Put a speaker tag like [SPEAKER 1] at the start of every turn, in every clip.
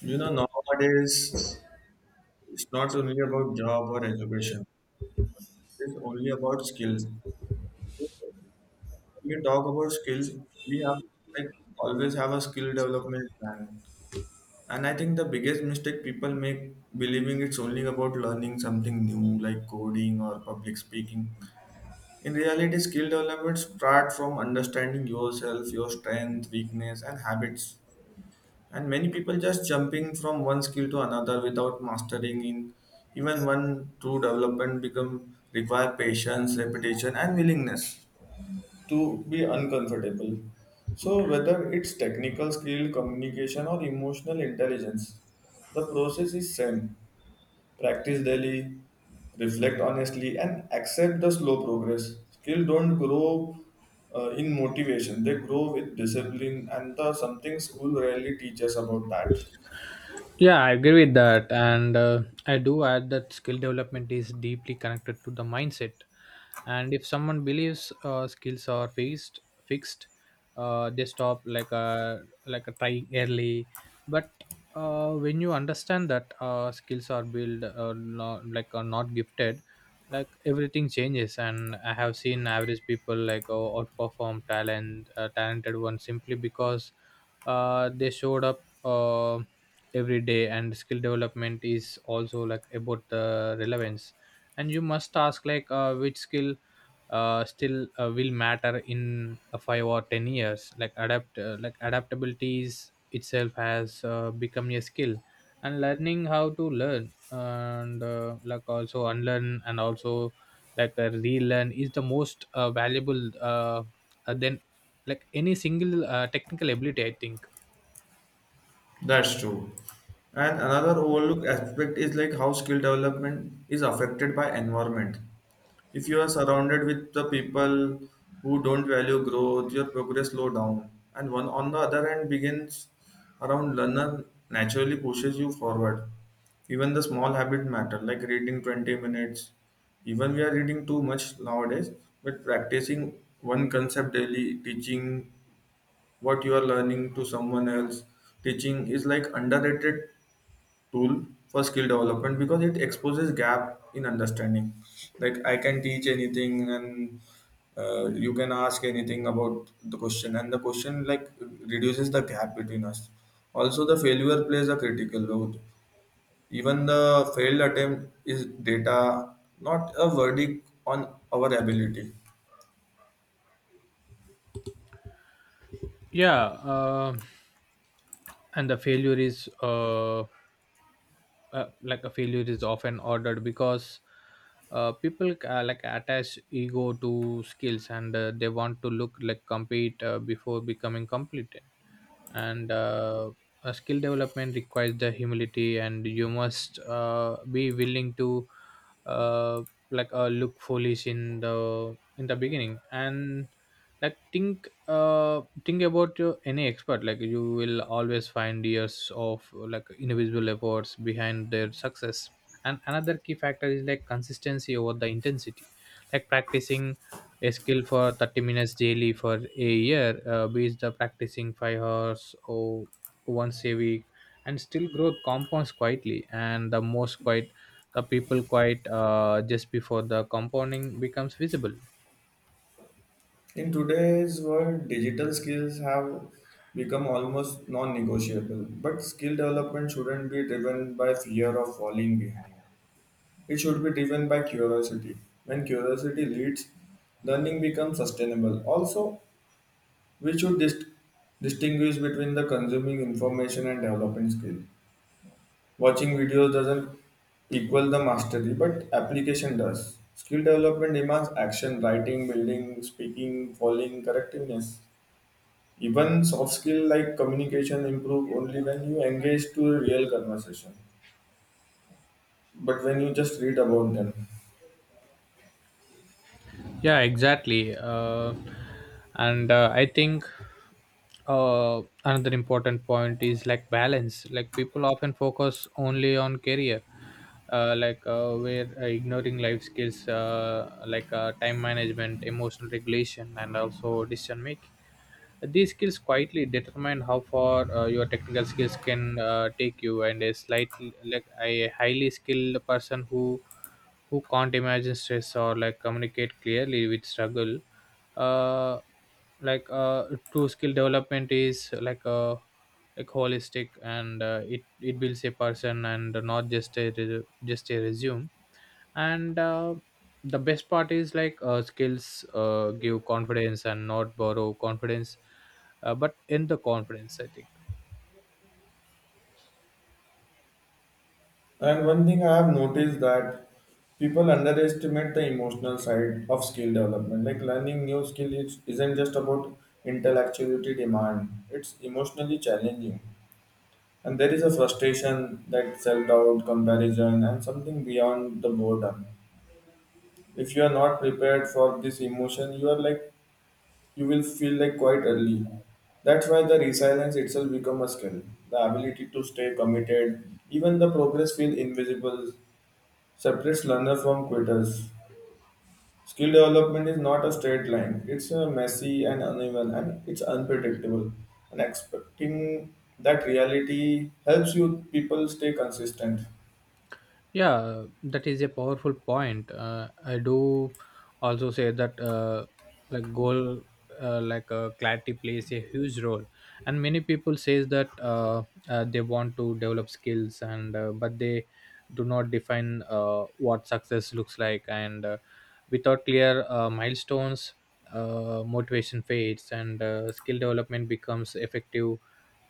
[SPEAKER 1] You know, nowadays it's not only about job or education. It's only about skill. When we talk about skill, we have like always have a skill development plan. And I think the biggest mistake people make believing it's only about learning something new like coding or public speaking. In reality, skill development starts from understanding yourself, your strength, weakness, and habits, and many people just jumping from one skill to another without mastering in even one true development become require patience repetition and willingness to be uncomfortable. So whether it's technical skill communication or emotional intelligence, the process is same. Practice daily, reflect honestly, and accept the slow progress. Skill don't grow in motivation, they grow with discipline, and the something school rarely teaches about that.
[SPEAKER 2] Yeah, I agree with that. And I do add that skill development is deeply connected to the mindset. And if someone believes skills are fixed, they stop like a trying early. But when you understand that skills are built, not, like are not gifted, like everything changes. And I have seen average people outperform talented ones simply because they showed up every day. And skill development is also like about the relevance, and you must ask which skill still will matter in a 5 or 10 years. Like adaptability is itself has become a skill, and learning how to learn and, like, also unlearn and also relearn is the most valuable than any single technical ability, I think.
[SPEAKER 1] That's true. And another overlooked aspect is like how skill development is affected by environment. If you are surrounded with the people who don't value growth, your progress slow down. And one on the other hand begins around learner naturally pushes you forward. Even the small habit matter, like reading 20 minutes. Even we are reading too much nowadays, but practicing one concept daily, teaching what you are learning to someone else, teaching is like underrated tool for skill development because it exposes gap in understanding. Like I can teach anything, and you can ask anything about the question, and the question like reduces the gap between us. Also the failure plays a critical role. Even the failed attempt is data, not a verdict on our ability.
[SPEAKER 2] yeah uh, and the failure is often ordered because people like attach ego to skills, and they want to look complete before becoming competent. And Skill development requires the humility, and you must be willing to uh, look foolish in the beginning. And like think Think about any expert: like you will always find years of individual efforts behind their success. And another key factor is like consistency over the intensity, like practicing a skill for 30 minutes daily for a year beats the practicing 5 hours or once a week. And still, growth compounds quietly, and the most quiet the people quiet just before the compounding becomes visible.
[SPEAKER 1] In today's world, digital skills have become almost non negotiable, but skill development shouldn't be driven by fear of falling behind. It should be driven by curiosity. When curiosity leads, learning becomes sustainable. Also, we should distinguish between the consuming information and developing skill. Watching videos doesn't equal the mastery, but application does. Skill development demands action, writing, building, speaking, following, correctiveness. Even soft skill like communication improve only when you engage to a real conversation, but when you just read about them.
[SPEAKER 2] Yeah, exactly. And I think another important point is like balance. Like, people often focus only on career, like where ignoring life skills time management, emotional regulation, and also decision making. These skills quietly determine how far your technical skills can take you. And a slightly like a highly skilled person who can't imagine stress or communicate clearly with struggle. Uh, like uh, True skill development is like a like holistic, and it builds a person and not just a resume. And The best part is skills give confidence and not borrow confidence, but in the confidence, I think.
[SPEAKER 1] And one thing I have noticed that people underestimate the emotional side of skill development. Like learning new isn't just about intellectuality demand; it's emotionally challenging, and there is a frustration, that self-doubt, comparison, and something beyond the boredom. If you are not prepared for this emotion, you are like you will feel like quite early. That's why the resilience itself become a skill. The ability to stay committed, even the progress feel invisible, separates learner from quitters. Skill development is not a straight line. It's messy and uneven and it's unpredictable. And expecting that reality helps you people stay consistent.
[SPEAKER 2] Yeah, that is a powerful point. I do also say that, like goal, like clarity plays a huge role, and many people says that they want to develop skills, and but they do not define what success looks like. And Without clear milestones, motivation fades, and skill development becomes effective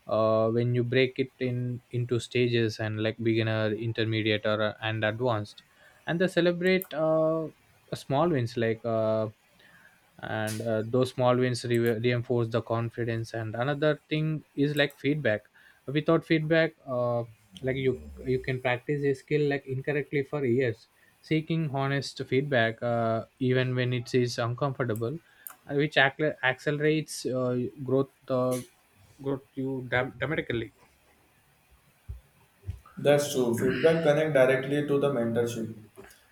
[SPEAKER 2] when you break it in into stages, and like beginner, intermediate or and advanced, and they celebrate small wins like and those small wins reinforce the confidence. And another thing is like feedback. Without feedback, you can practice a skill like incorrectly for years. Seeking honest feedback, even when it is uncomfortable, which accelerates growth dramatically.
[SPEAKER 1] That's true. Feedback connect directly to the mentorship.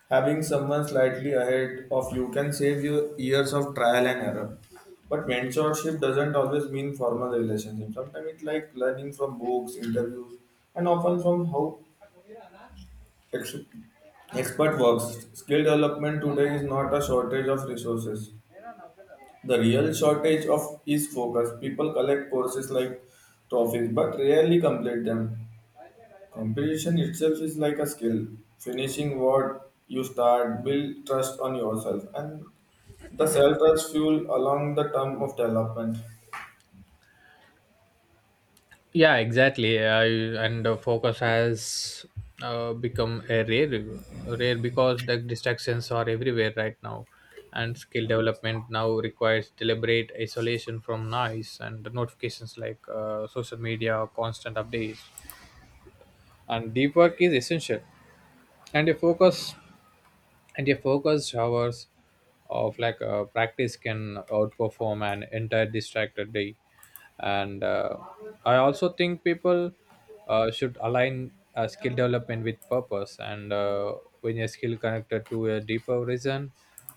[SPEAKER 1] Having someone slightly ahead of you can save you years of trial and error. But mentorship doesn't always mean formal relationship. Sometimes it's like learning from books, interviews, and often from how ex- expert works. Skill development today is not a shortage of resources. The real shortage of is focus. People collect courses like trophies but rarely complete them. Competition itself is like a skill. Finishing what you start, build trust on yourself, and the cell trust fuel along the term of development.
[SPEAKER 2] Yeah, exactly. I, and Focus has become rare because the distractions are everywhere right now, and skill development now requires deliberate isolation from noise and the notifications, like social media, constant updates, and deep work is essential. And a focus and a focused hours of practice can outperform an entire distracted day. And I also think people should align skill development with purpose. And When a skill connected to a deeper reason,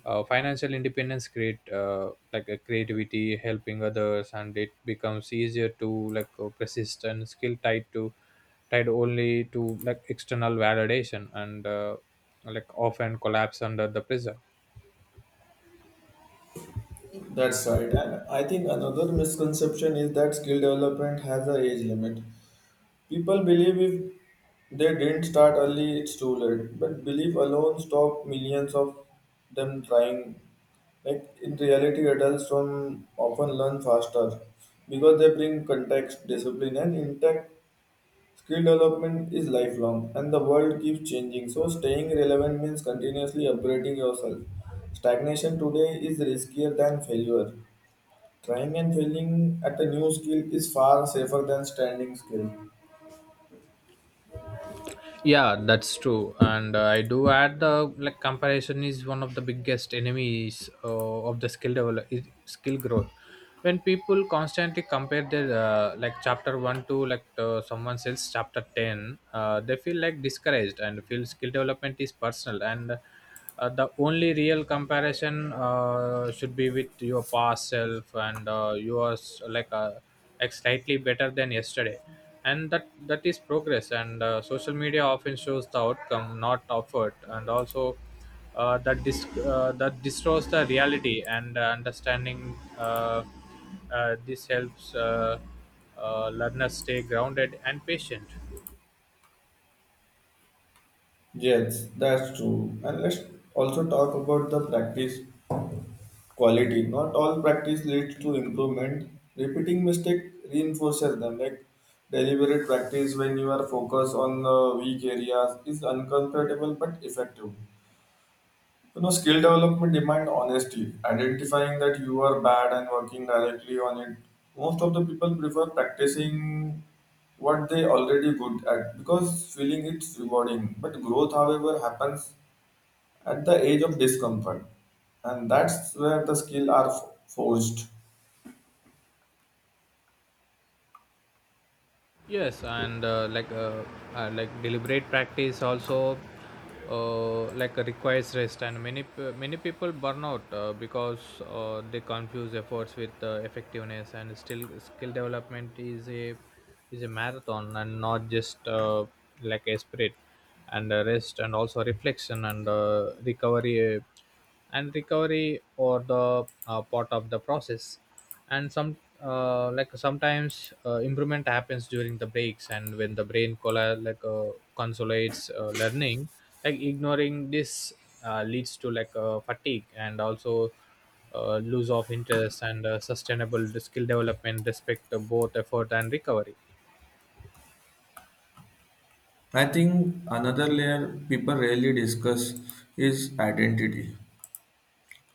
[SPEAKER 2] financial independence, create like a creativity, helping others, and it becomes easier to like a persistent skill tied to tied only to external validation and like often collapse under the pressure.
[SPEAKER 1] That's right. And I think another misconception is that skill development has an age limit. People believe if they didn't start early, it's too late. But belief alone stopped millions of them trying. Like in reality, adults from often learn faster because they bring context, discipline, and intact. Skill development is lifelong and the world keeps changing, so staying relevant means continuously upgrading yourself. Stagnation today is riskier than failure. Trying and failing at a new skill is far safer than standing still.
[SPEAKER 2] Yeah, that's true. And I do add, the like comparison is one of the biggest enemies of the skill develop is skill growth. When people constantly compare their, chapter 1 to someone else chapter 10, they feel discouraged. And feel skill development is personal, and the only real comparison should be with your past self, and yours like slightly better than yesterday, and that is progress. And social media often shows the outcome, not effort, and also that destroys the reality. And understanding this helps learners stay grounded and patient.
[SPEAKER 1] Yes, that's true. And let's also talk about the practice quality. Not all practice leads to improvement. Repeating mistake reinforces them. Like deliberate practice when you are focused on weak areas is uncomfortable but effective. You know, skill development demand honesty, identifying that you are bad and working directly on it. Most of the people prefer practicing what they already good at because feeling it's rewarding. But growth, however, happens at the age of discomfort, and that's where the skill are forged.
[SPEAKER 2] Yes, and deliberate practice also requires rest, and many many people burn out because they confuse efforts with effectiveness. And still, skill development is a marathon and not just like a sprint. And rest and also reflection and, recovery or the part of the process. And sometimes improvement happens during the breaks, and when the brain consolidates learning. Like, ignoring this leads to fatigue and also lose of interest. And sustainable skill development respect both effort and recovery.
[SPEAKER 1] I think another layer people rarely discuss is identity.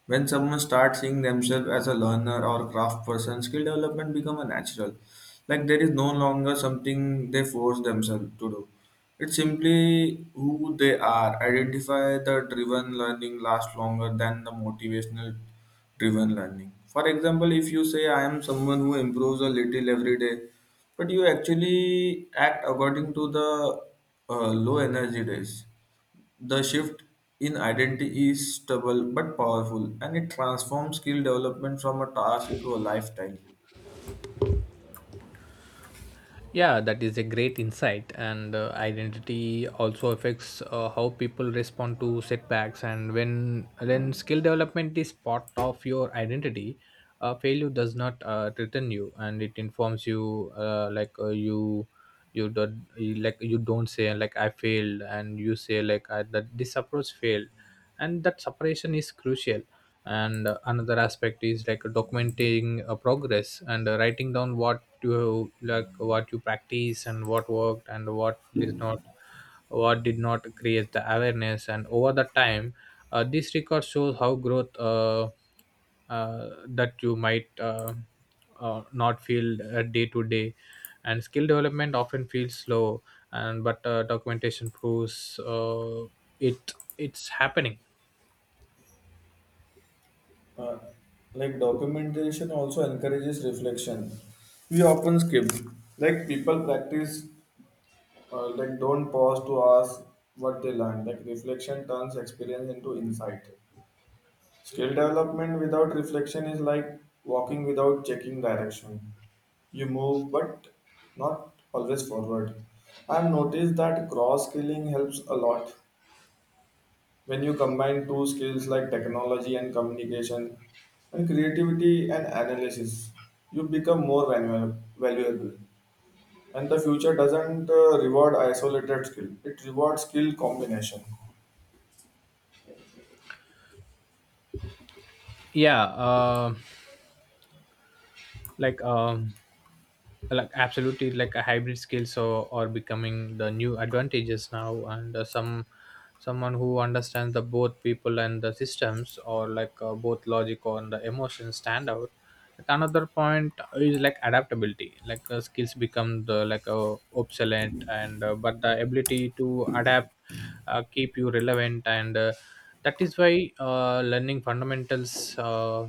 [SPEAKER 1] When someone starts seeing themselves as a learner or craft person, skill development become a natural. Like there is no longer something they force themselves to do. It's simply who they are. Identify the driven learning lasts longer than the motivational driven learning. For example, if you say I am someone who improves a little every day, but you actually act according to the low energy days, the shift in identity is stubble but powerful, and it transforms skill development from a task into a lifestyle.
[SPEAKER 2] Yeah, that is a great insight. And identity also affects how people respond to setbacks. And when skill development is part of your identity, failure does not threaten you; and it informs you. Like, you don't say like, I failed, and you say like, I, that this approach failed. And that separation is crucial. And another aspect is like documenting progress, and writing down what you practice, and what worked and what did not, create the awareness. And over the time, this record shows how growth, that you might not feel day to day. And skill development often feels slow, and but documentation proves it's happening.
[SPEAKER 1] Uh, like documentation also encourages reflection. We often skip, like people practice, like don't pause to ask what they learn. Like reflection turns experience into insight. Skill development without reflection is like walking without checking direction. You move, but not always forward. I've noticed that cross skilling helps a lot when you combine two skills like technology and communication, and creativity and analysis. You become more valuable, and the future doesn't reward isolated skill; it rewards skill combination.
[SPEAKER 2] yeah uh, like um Absolutely. Like, a hybrid skills or becoming the new advantages now. And someone who understands the both people and the systems, or both logic and the emotions, stand out. Another point is like adaptability. Like, skills become the like obsolete, and but the ability to adapt keep you relevant. And that is why learning fundamentals uh,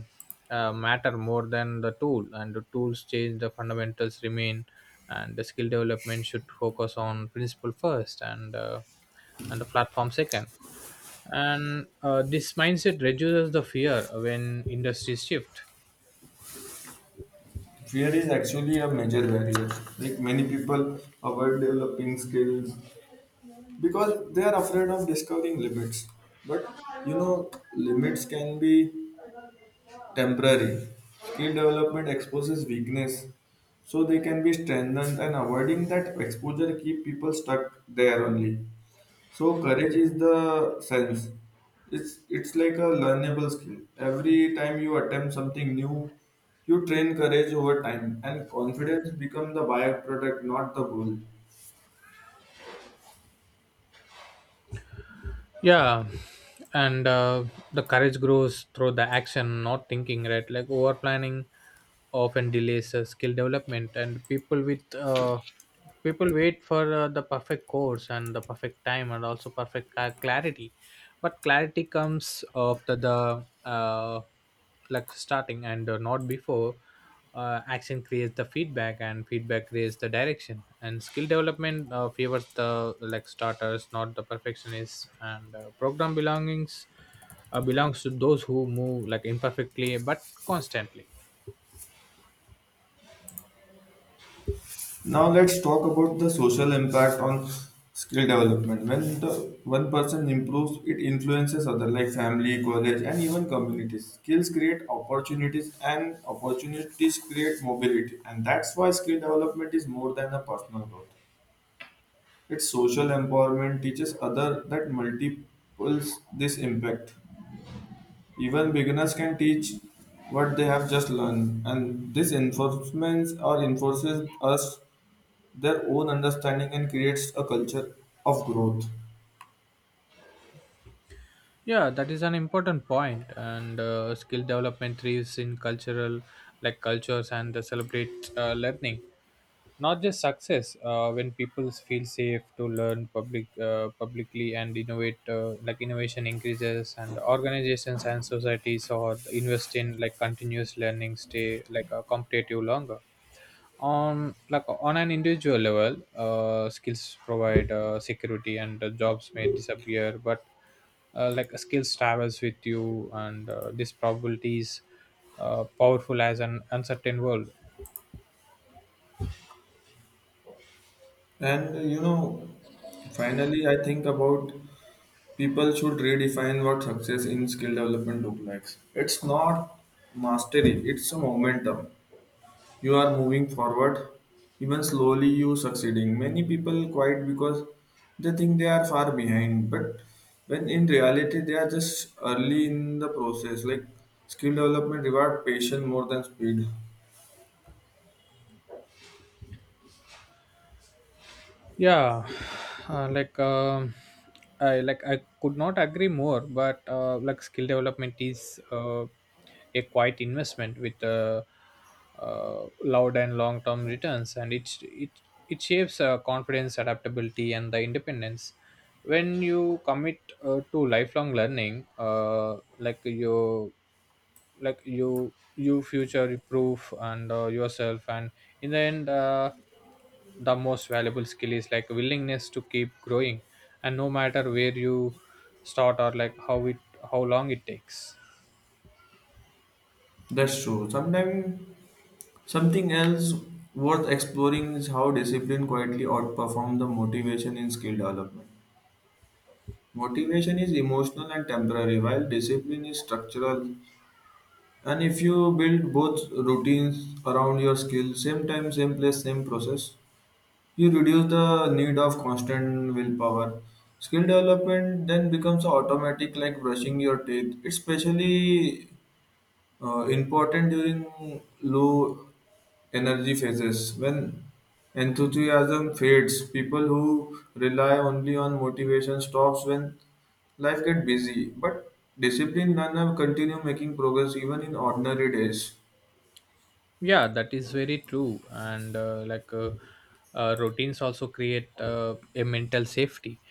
[SPEAKER 2] uh, matter more than the tool. And the tools change, the fundamentals remain. And the skill development should focus on principle first and and the platform second, and this mindset reduces the fear when industries shift.
[SPEAKER 1] Fear is actually a major barrier. Like many people avoid developing skills because they are afraid of discovering limits. But you know, limits can be temporary. Skill development exposes weakness, so they can be strengthened, and avoiding that exposure keep people stuck there only. So courage is the sense. It's like a learnable skill. Every time you attempt something new, you train courage over time, and confidence become the byproduct, not the goal.
[SPEAKER 2] Yeah. And the courage grows through the action, not thinking, right? Like over planning often delays skill development, and people wait for the perfect course and the perfect time and also perfect clarity. But clarity comes after the like starting, and not before. Action creates the feedback, and feedback creates the direction. And skill development favors the like starters, not the perfectionists, and program belongings belongs to those who move imperfectly but constantly.
[SPEAKER 1] Now let's talk about the social impact on skill development. When the one person improves, it influences other like family, college, and even communities. Skills create opportunities, and opportunities create mobility. And that's why skill development is more than a personal growth. Its social empowerment teaches other that multiples this impact. Even beginners can teach what they have just learned, and this enforcements or enforces us their own understanding and creates a culture of growth.
[SPEAKER 2] Yeah, that is an important point. And skill development thrives in cultural like cultures and celebrate learning, not just success. When people feel safe to learn publicly and innovate, innovation increases, and organizations and societies or invest in continuous learning stay competitive longer. On an individual level, skills provide security, and jobs may disappear, but skills travels with you. And this probability is powerful as an uncertain world.
[SPEAKER 1] And You know, finally, I think about people should redefine what success in skill development look like. It's not mastery; it's a momentum. You are moving forward, even slowly. You succeeding. Many people quiet because they think they are far behind, but when in reality they are just early in the process. Like skill development reward patience more than speed.
[SPEAKER 2] yeah uh, like um I could not agree more. But skill development is a quiet investment with loud and long term returns, and it shapes confidence, adaptability, and the independence. When you commit to lifelong learning, like you you future proof and yourself. And in the end, the most valuable skill is willingness to keep growing, and no matter where you start or how long it takes.
[SPEAKER 1] That's true. Sometimes something else worth exploring is how discipline quietly outperforms the motivation in skill development. Motivation is emotional and temporary, while discipline is structural. And if you build both routines around your skill, same time, same place, same process, you reduce the need of constant willpower. Skill development then becomes automatic, like brushing your teeth. It's especially important during low energy phases when enthusiasm fades, people who rely only on motivation stops when life gets busy, but disciplined learner continue making progress even in ordinary days.
[SPEAKER 2] Yeah, that is very true. And routines also create a mental safety.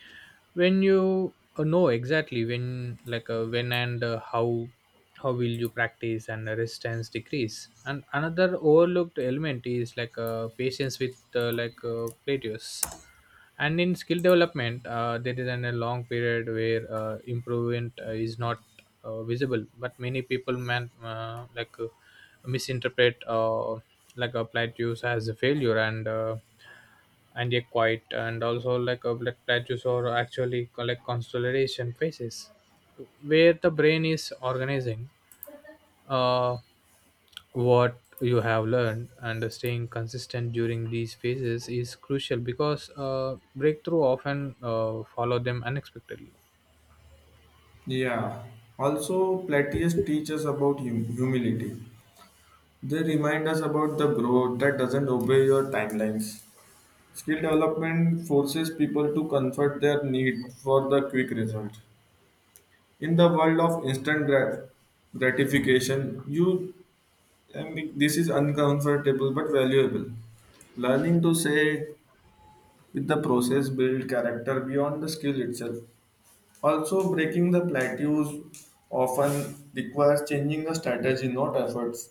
[SPEAKER 2] When you know exactly when and how will you practice, and the resistance decrease and another overlooked element is patience with plateaus. And in skill development, there is a long period where improvement is not visible, but many people man like misinterpret like a plateaus as a failure. And and a quiet and also like a like plateaus or actually constellation phases where the brain is organizing uh, what you have learned, and staying consistent during these phases is crucial because breakthrough often follow them unexpectedly.
[SPEAKER 1] Yeah, also plateus teaches about humility. They remind us about the growth that doesn't obey your timelines. Skill development forces people to comfort their need for the quick result in the world of gratification. This is uncomfortable but valuable. Learning to say with the process build character beyond the skill itself. Also breaking the plateaus often requires changing the strategy not efforts.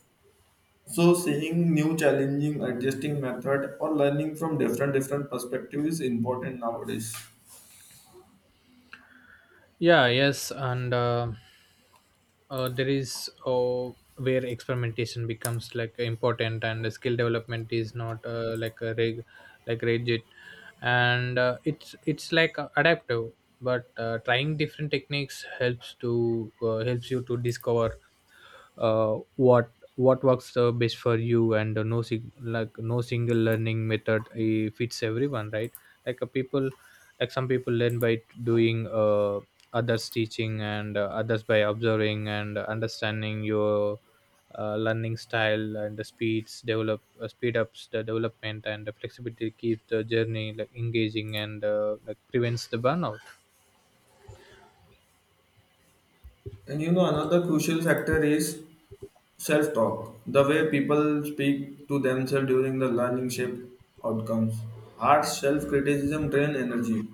[SPEAKER 1] So seeing new challenging adjusting method or learning from different perspectives is important nowadays.
[SPEAKER 2] Yeah, yes, and there is where experimentation becomes like important, and the skill development is not like a rig like rigid, and it's like adaptive. But trying different techniques helps to helps you to discover what works best for you. And no no single learning method fits everyone, right? Like a people, like some people learn by doing, others teaching, and others by observing. And understanding your learning style and the speeds develop, speed ups the development, and the flexibility keeps the journey like engaging and like prevents the burnout.
[SPEAKER 1] And you know, another crucial factor is self talk, the way people speak to themselves during the learning shape outcomes. Hard self criticism drain energy.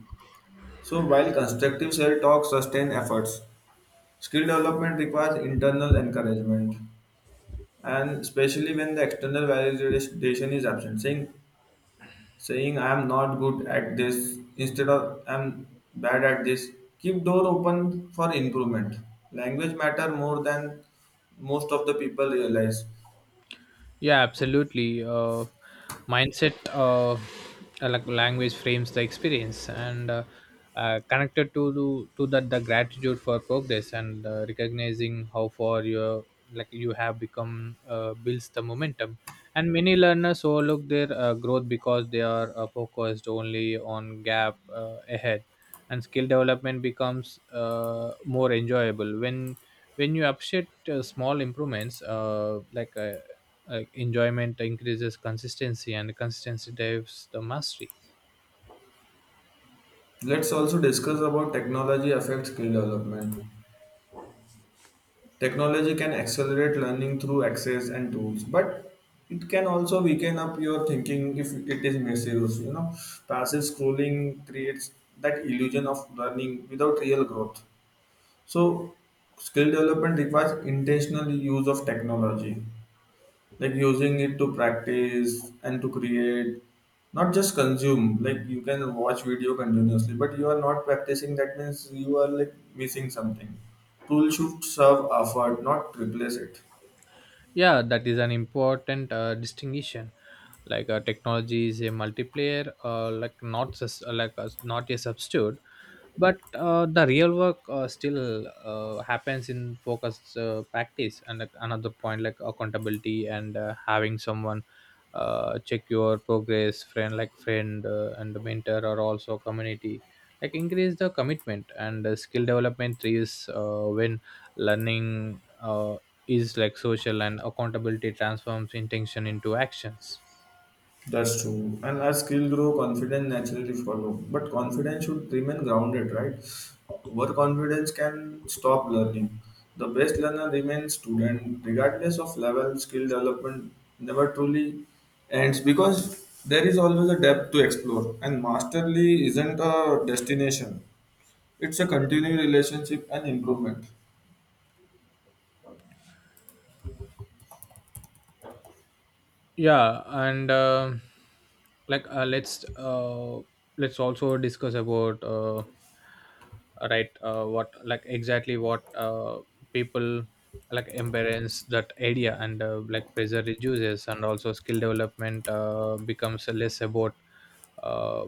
[SPEAKER 1] So, while constructive self talk sustain efforts, skill development requires internal encouragement, and especially when the external validation is absent. Saying I am not good at this instead of I am bad at this, keep door open for improvement. Language matter more than most of the people realize.
[SPEAKER 2] Yeah, absolutely. Mindset, uh, like language frames the experience and, connected to to that, the gratitude for progress, and recognizing how far you have become builds the momentum. And many learners overlook their growth because they are focused only on gap ahead, and skill development becomes more enjoyable when you appreciate small improvements like enjoyment increases consistency, and consistency drives the mastery.
[SPEAKER 1] Let's also discuss about technology affects skill development. Technology can accelerate learning through access and tools, but it can also weaken up your thinking if it is misused. You know, passive scrolling creates that illusion of learning without real growth. So, skill development requires intentional use of technology like using it to practice and to create, not just consume. Like you can watch video continuously but you are not practicing, that means you are like missing something. Tool should serve effort, not replace it.
[SPEAKER 2] Yeah, that is an important distinction. Like technology is a multiplayer, like not a substitute. But the real work still happens in focused practice. And, like, another point, like accountability, and having someone check your progress, friend, like friend, and mentor, or also community, like increase the commitment. And skill development is when learning is like social, and accountability transforms intention into actions.
[SPEAKER 1] That's true. And as skill grow, confidence naturally follow. But confidence should remain grounded, right? Overconfidence can stop learning. The best learner remains student, regardless of level. Skill development never truly ends because there is always a depth to explore. And mastery isn't a destination; it's a continuing relationship and improvement.
[SPEAKER 2] Yeah and like Let's also discuss about, right what, like, exactly what people like embrace that idea, and like pressure reduces, and also skill development becomes less about uh,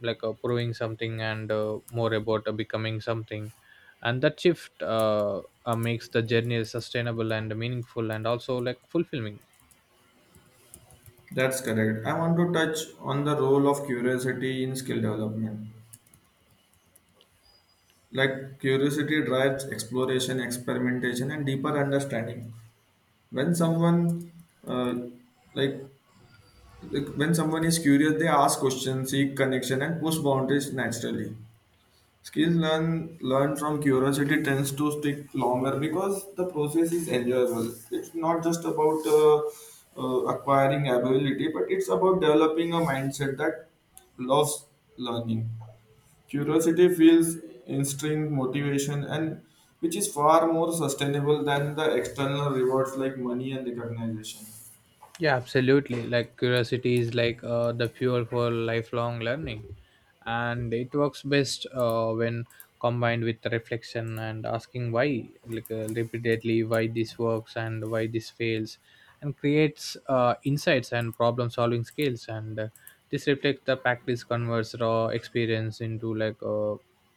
[SPEAKER 2] proving something, and more about becoming something. And that shift makes the journey sustainable and meaningful and also like fulfilling.
[SPEAKER 1] That's correct. I want to touch on the role of curiosity in skill development. Like curiosity drives exploration, experimentation, and deeper understanding. When someone, uh, like, when someone is curious, they ask questions, seek connection, and push boundaries naturally. Skills learned from curiosity tends to stick longer because the process is enjoyable. It's not just about acquiring ability, but it's about developing a mindset that loves learning. Curiosity fuels instinct motivation and which is far more sustainable than the external rewards like money and recognition.
[SPEAKER 2] Yeah, absolutely. Like curiosity is like the fuel for lifelong learning, and it works best when combined with reflection and asking why, like repeatedly, why this works and why this fails. And creates insights and problem-solving skills, and this reflects the practice converts raw experience into like a,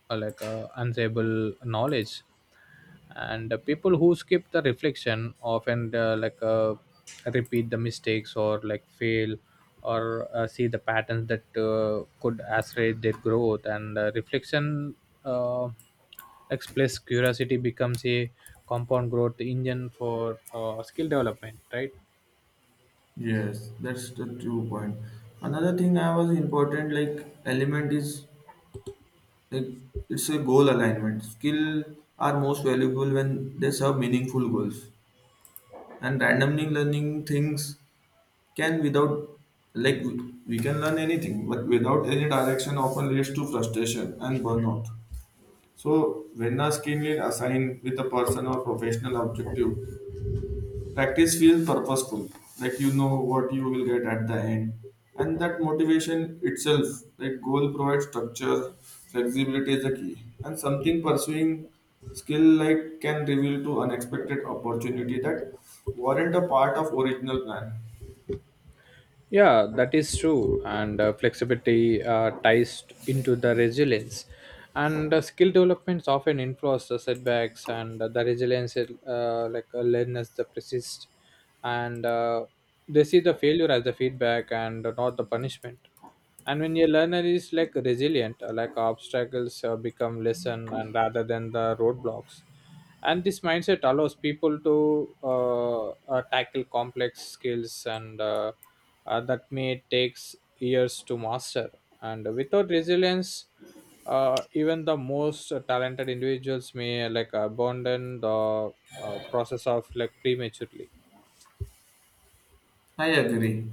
[SPEAKER 2] a like a unsable knowledge. And the people who skip the reflection often, repeat the mistakes, or like fail, or see the patterns that could accelerate their growth. And reflection, uh, express curiosity, becomes a compound growth engine for skill development, right?
[SPEAKER 1] Yes, that's the true point. Another thing I was important like element is like it's a goal alignment. Skill are most valuable when they serve meaningful goals. And randomly learning things can without like we can learn anything, but without any direction often leads to frustration and burnout. So, when a skill is assigned with a personal or professional objective, practice feels purposeful. Like you know what you will get at the end, and that motivation itself, like goal, provides structure. Flexibility is the key, and something pursuing skill like can reveal to unexpected opportunity that weren't a part of original plan.
[SPEAKER 2] Yeah, that is true. And flexibility ties into the resilience. And skill developments often influence the setbacks, and the resilience, learners, the persist, and they see the failure as the feedback and not the punishment. And when your learner is like resilient, like obstacles become lesson, and rather than the roadblocks. And this mindset allows people to tackle complex skills, and that may takes years to master. And without resilience, even the most talented individuals may like abandon the process of like prematurely.
[SPEAKER 1] I agree.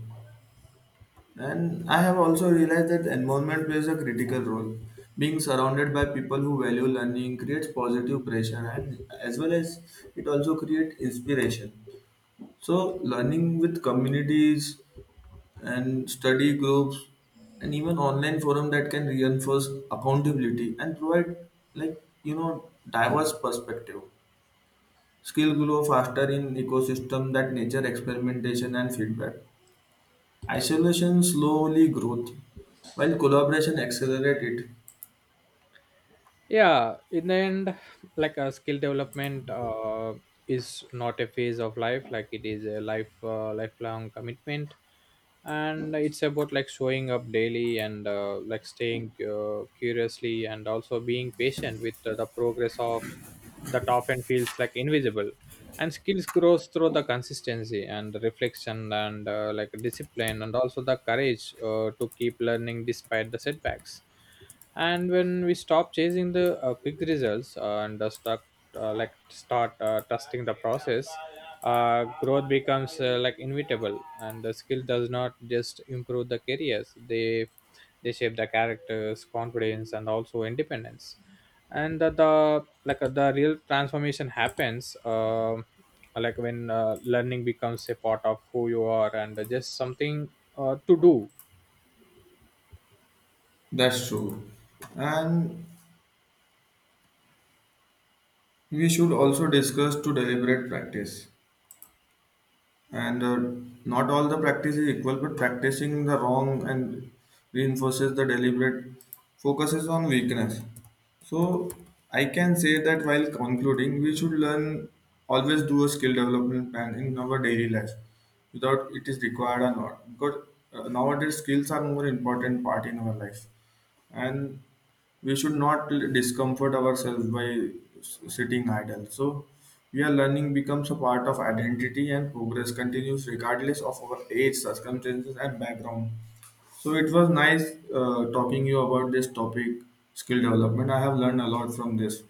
[SPEAKER 1] And I have also realized that environment plays a critical role. Being surrounded by people who value learning creates positive pressure and as well as it also creates inspiration. So learning with communities and study groups and even online forum that can reinforce accountability and provide like you know diverse perspective. Skill grow faster in ecosystem that nature experimentation and feedback. Isolation slowly growth, while collaboration accelerate it.
[SPEAKER 2] Yeah, in the end, like a skill development is not a phase of life, like it is a lifelong commitment. And it's about like showing up daily and like staying curiously, and also being patient with the progress of that often feels like invisible. And skills grows through the consistency and reflection and like discipline, and also the courage to keep learning despite the setbacks. And when we stop chasing the quick results, and start trusting the process, growth becomes like inevitable. And the skill does not just improve the careers, they shape the characters, confidence, and also independence. And the real transformation happens like when learning becomes a part of who you are, and just something to do.
[SPEAKER 1] That's true. And we should also discuss to deliberate practice. And Not all the practice is equal but practicing the wrong and reinforces the deliberate focuses on weakness. So I can say that while concluding we should learn always do a skill development plan in our daily life without it is required or not because nowadays skills are more important part in our life. And we should not discomfort ourselves by sitting idle, so we are learning becomes a part of identity and progress continues regardless of our age circumstances and background. So it was nice talking you about this topic. Skill development, I have learned a lot from this.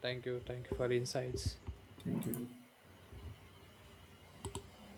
[SPEAKER 2] Thank you, thank you for insights.
[SPEAKER 1] Thank you.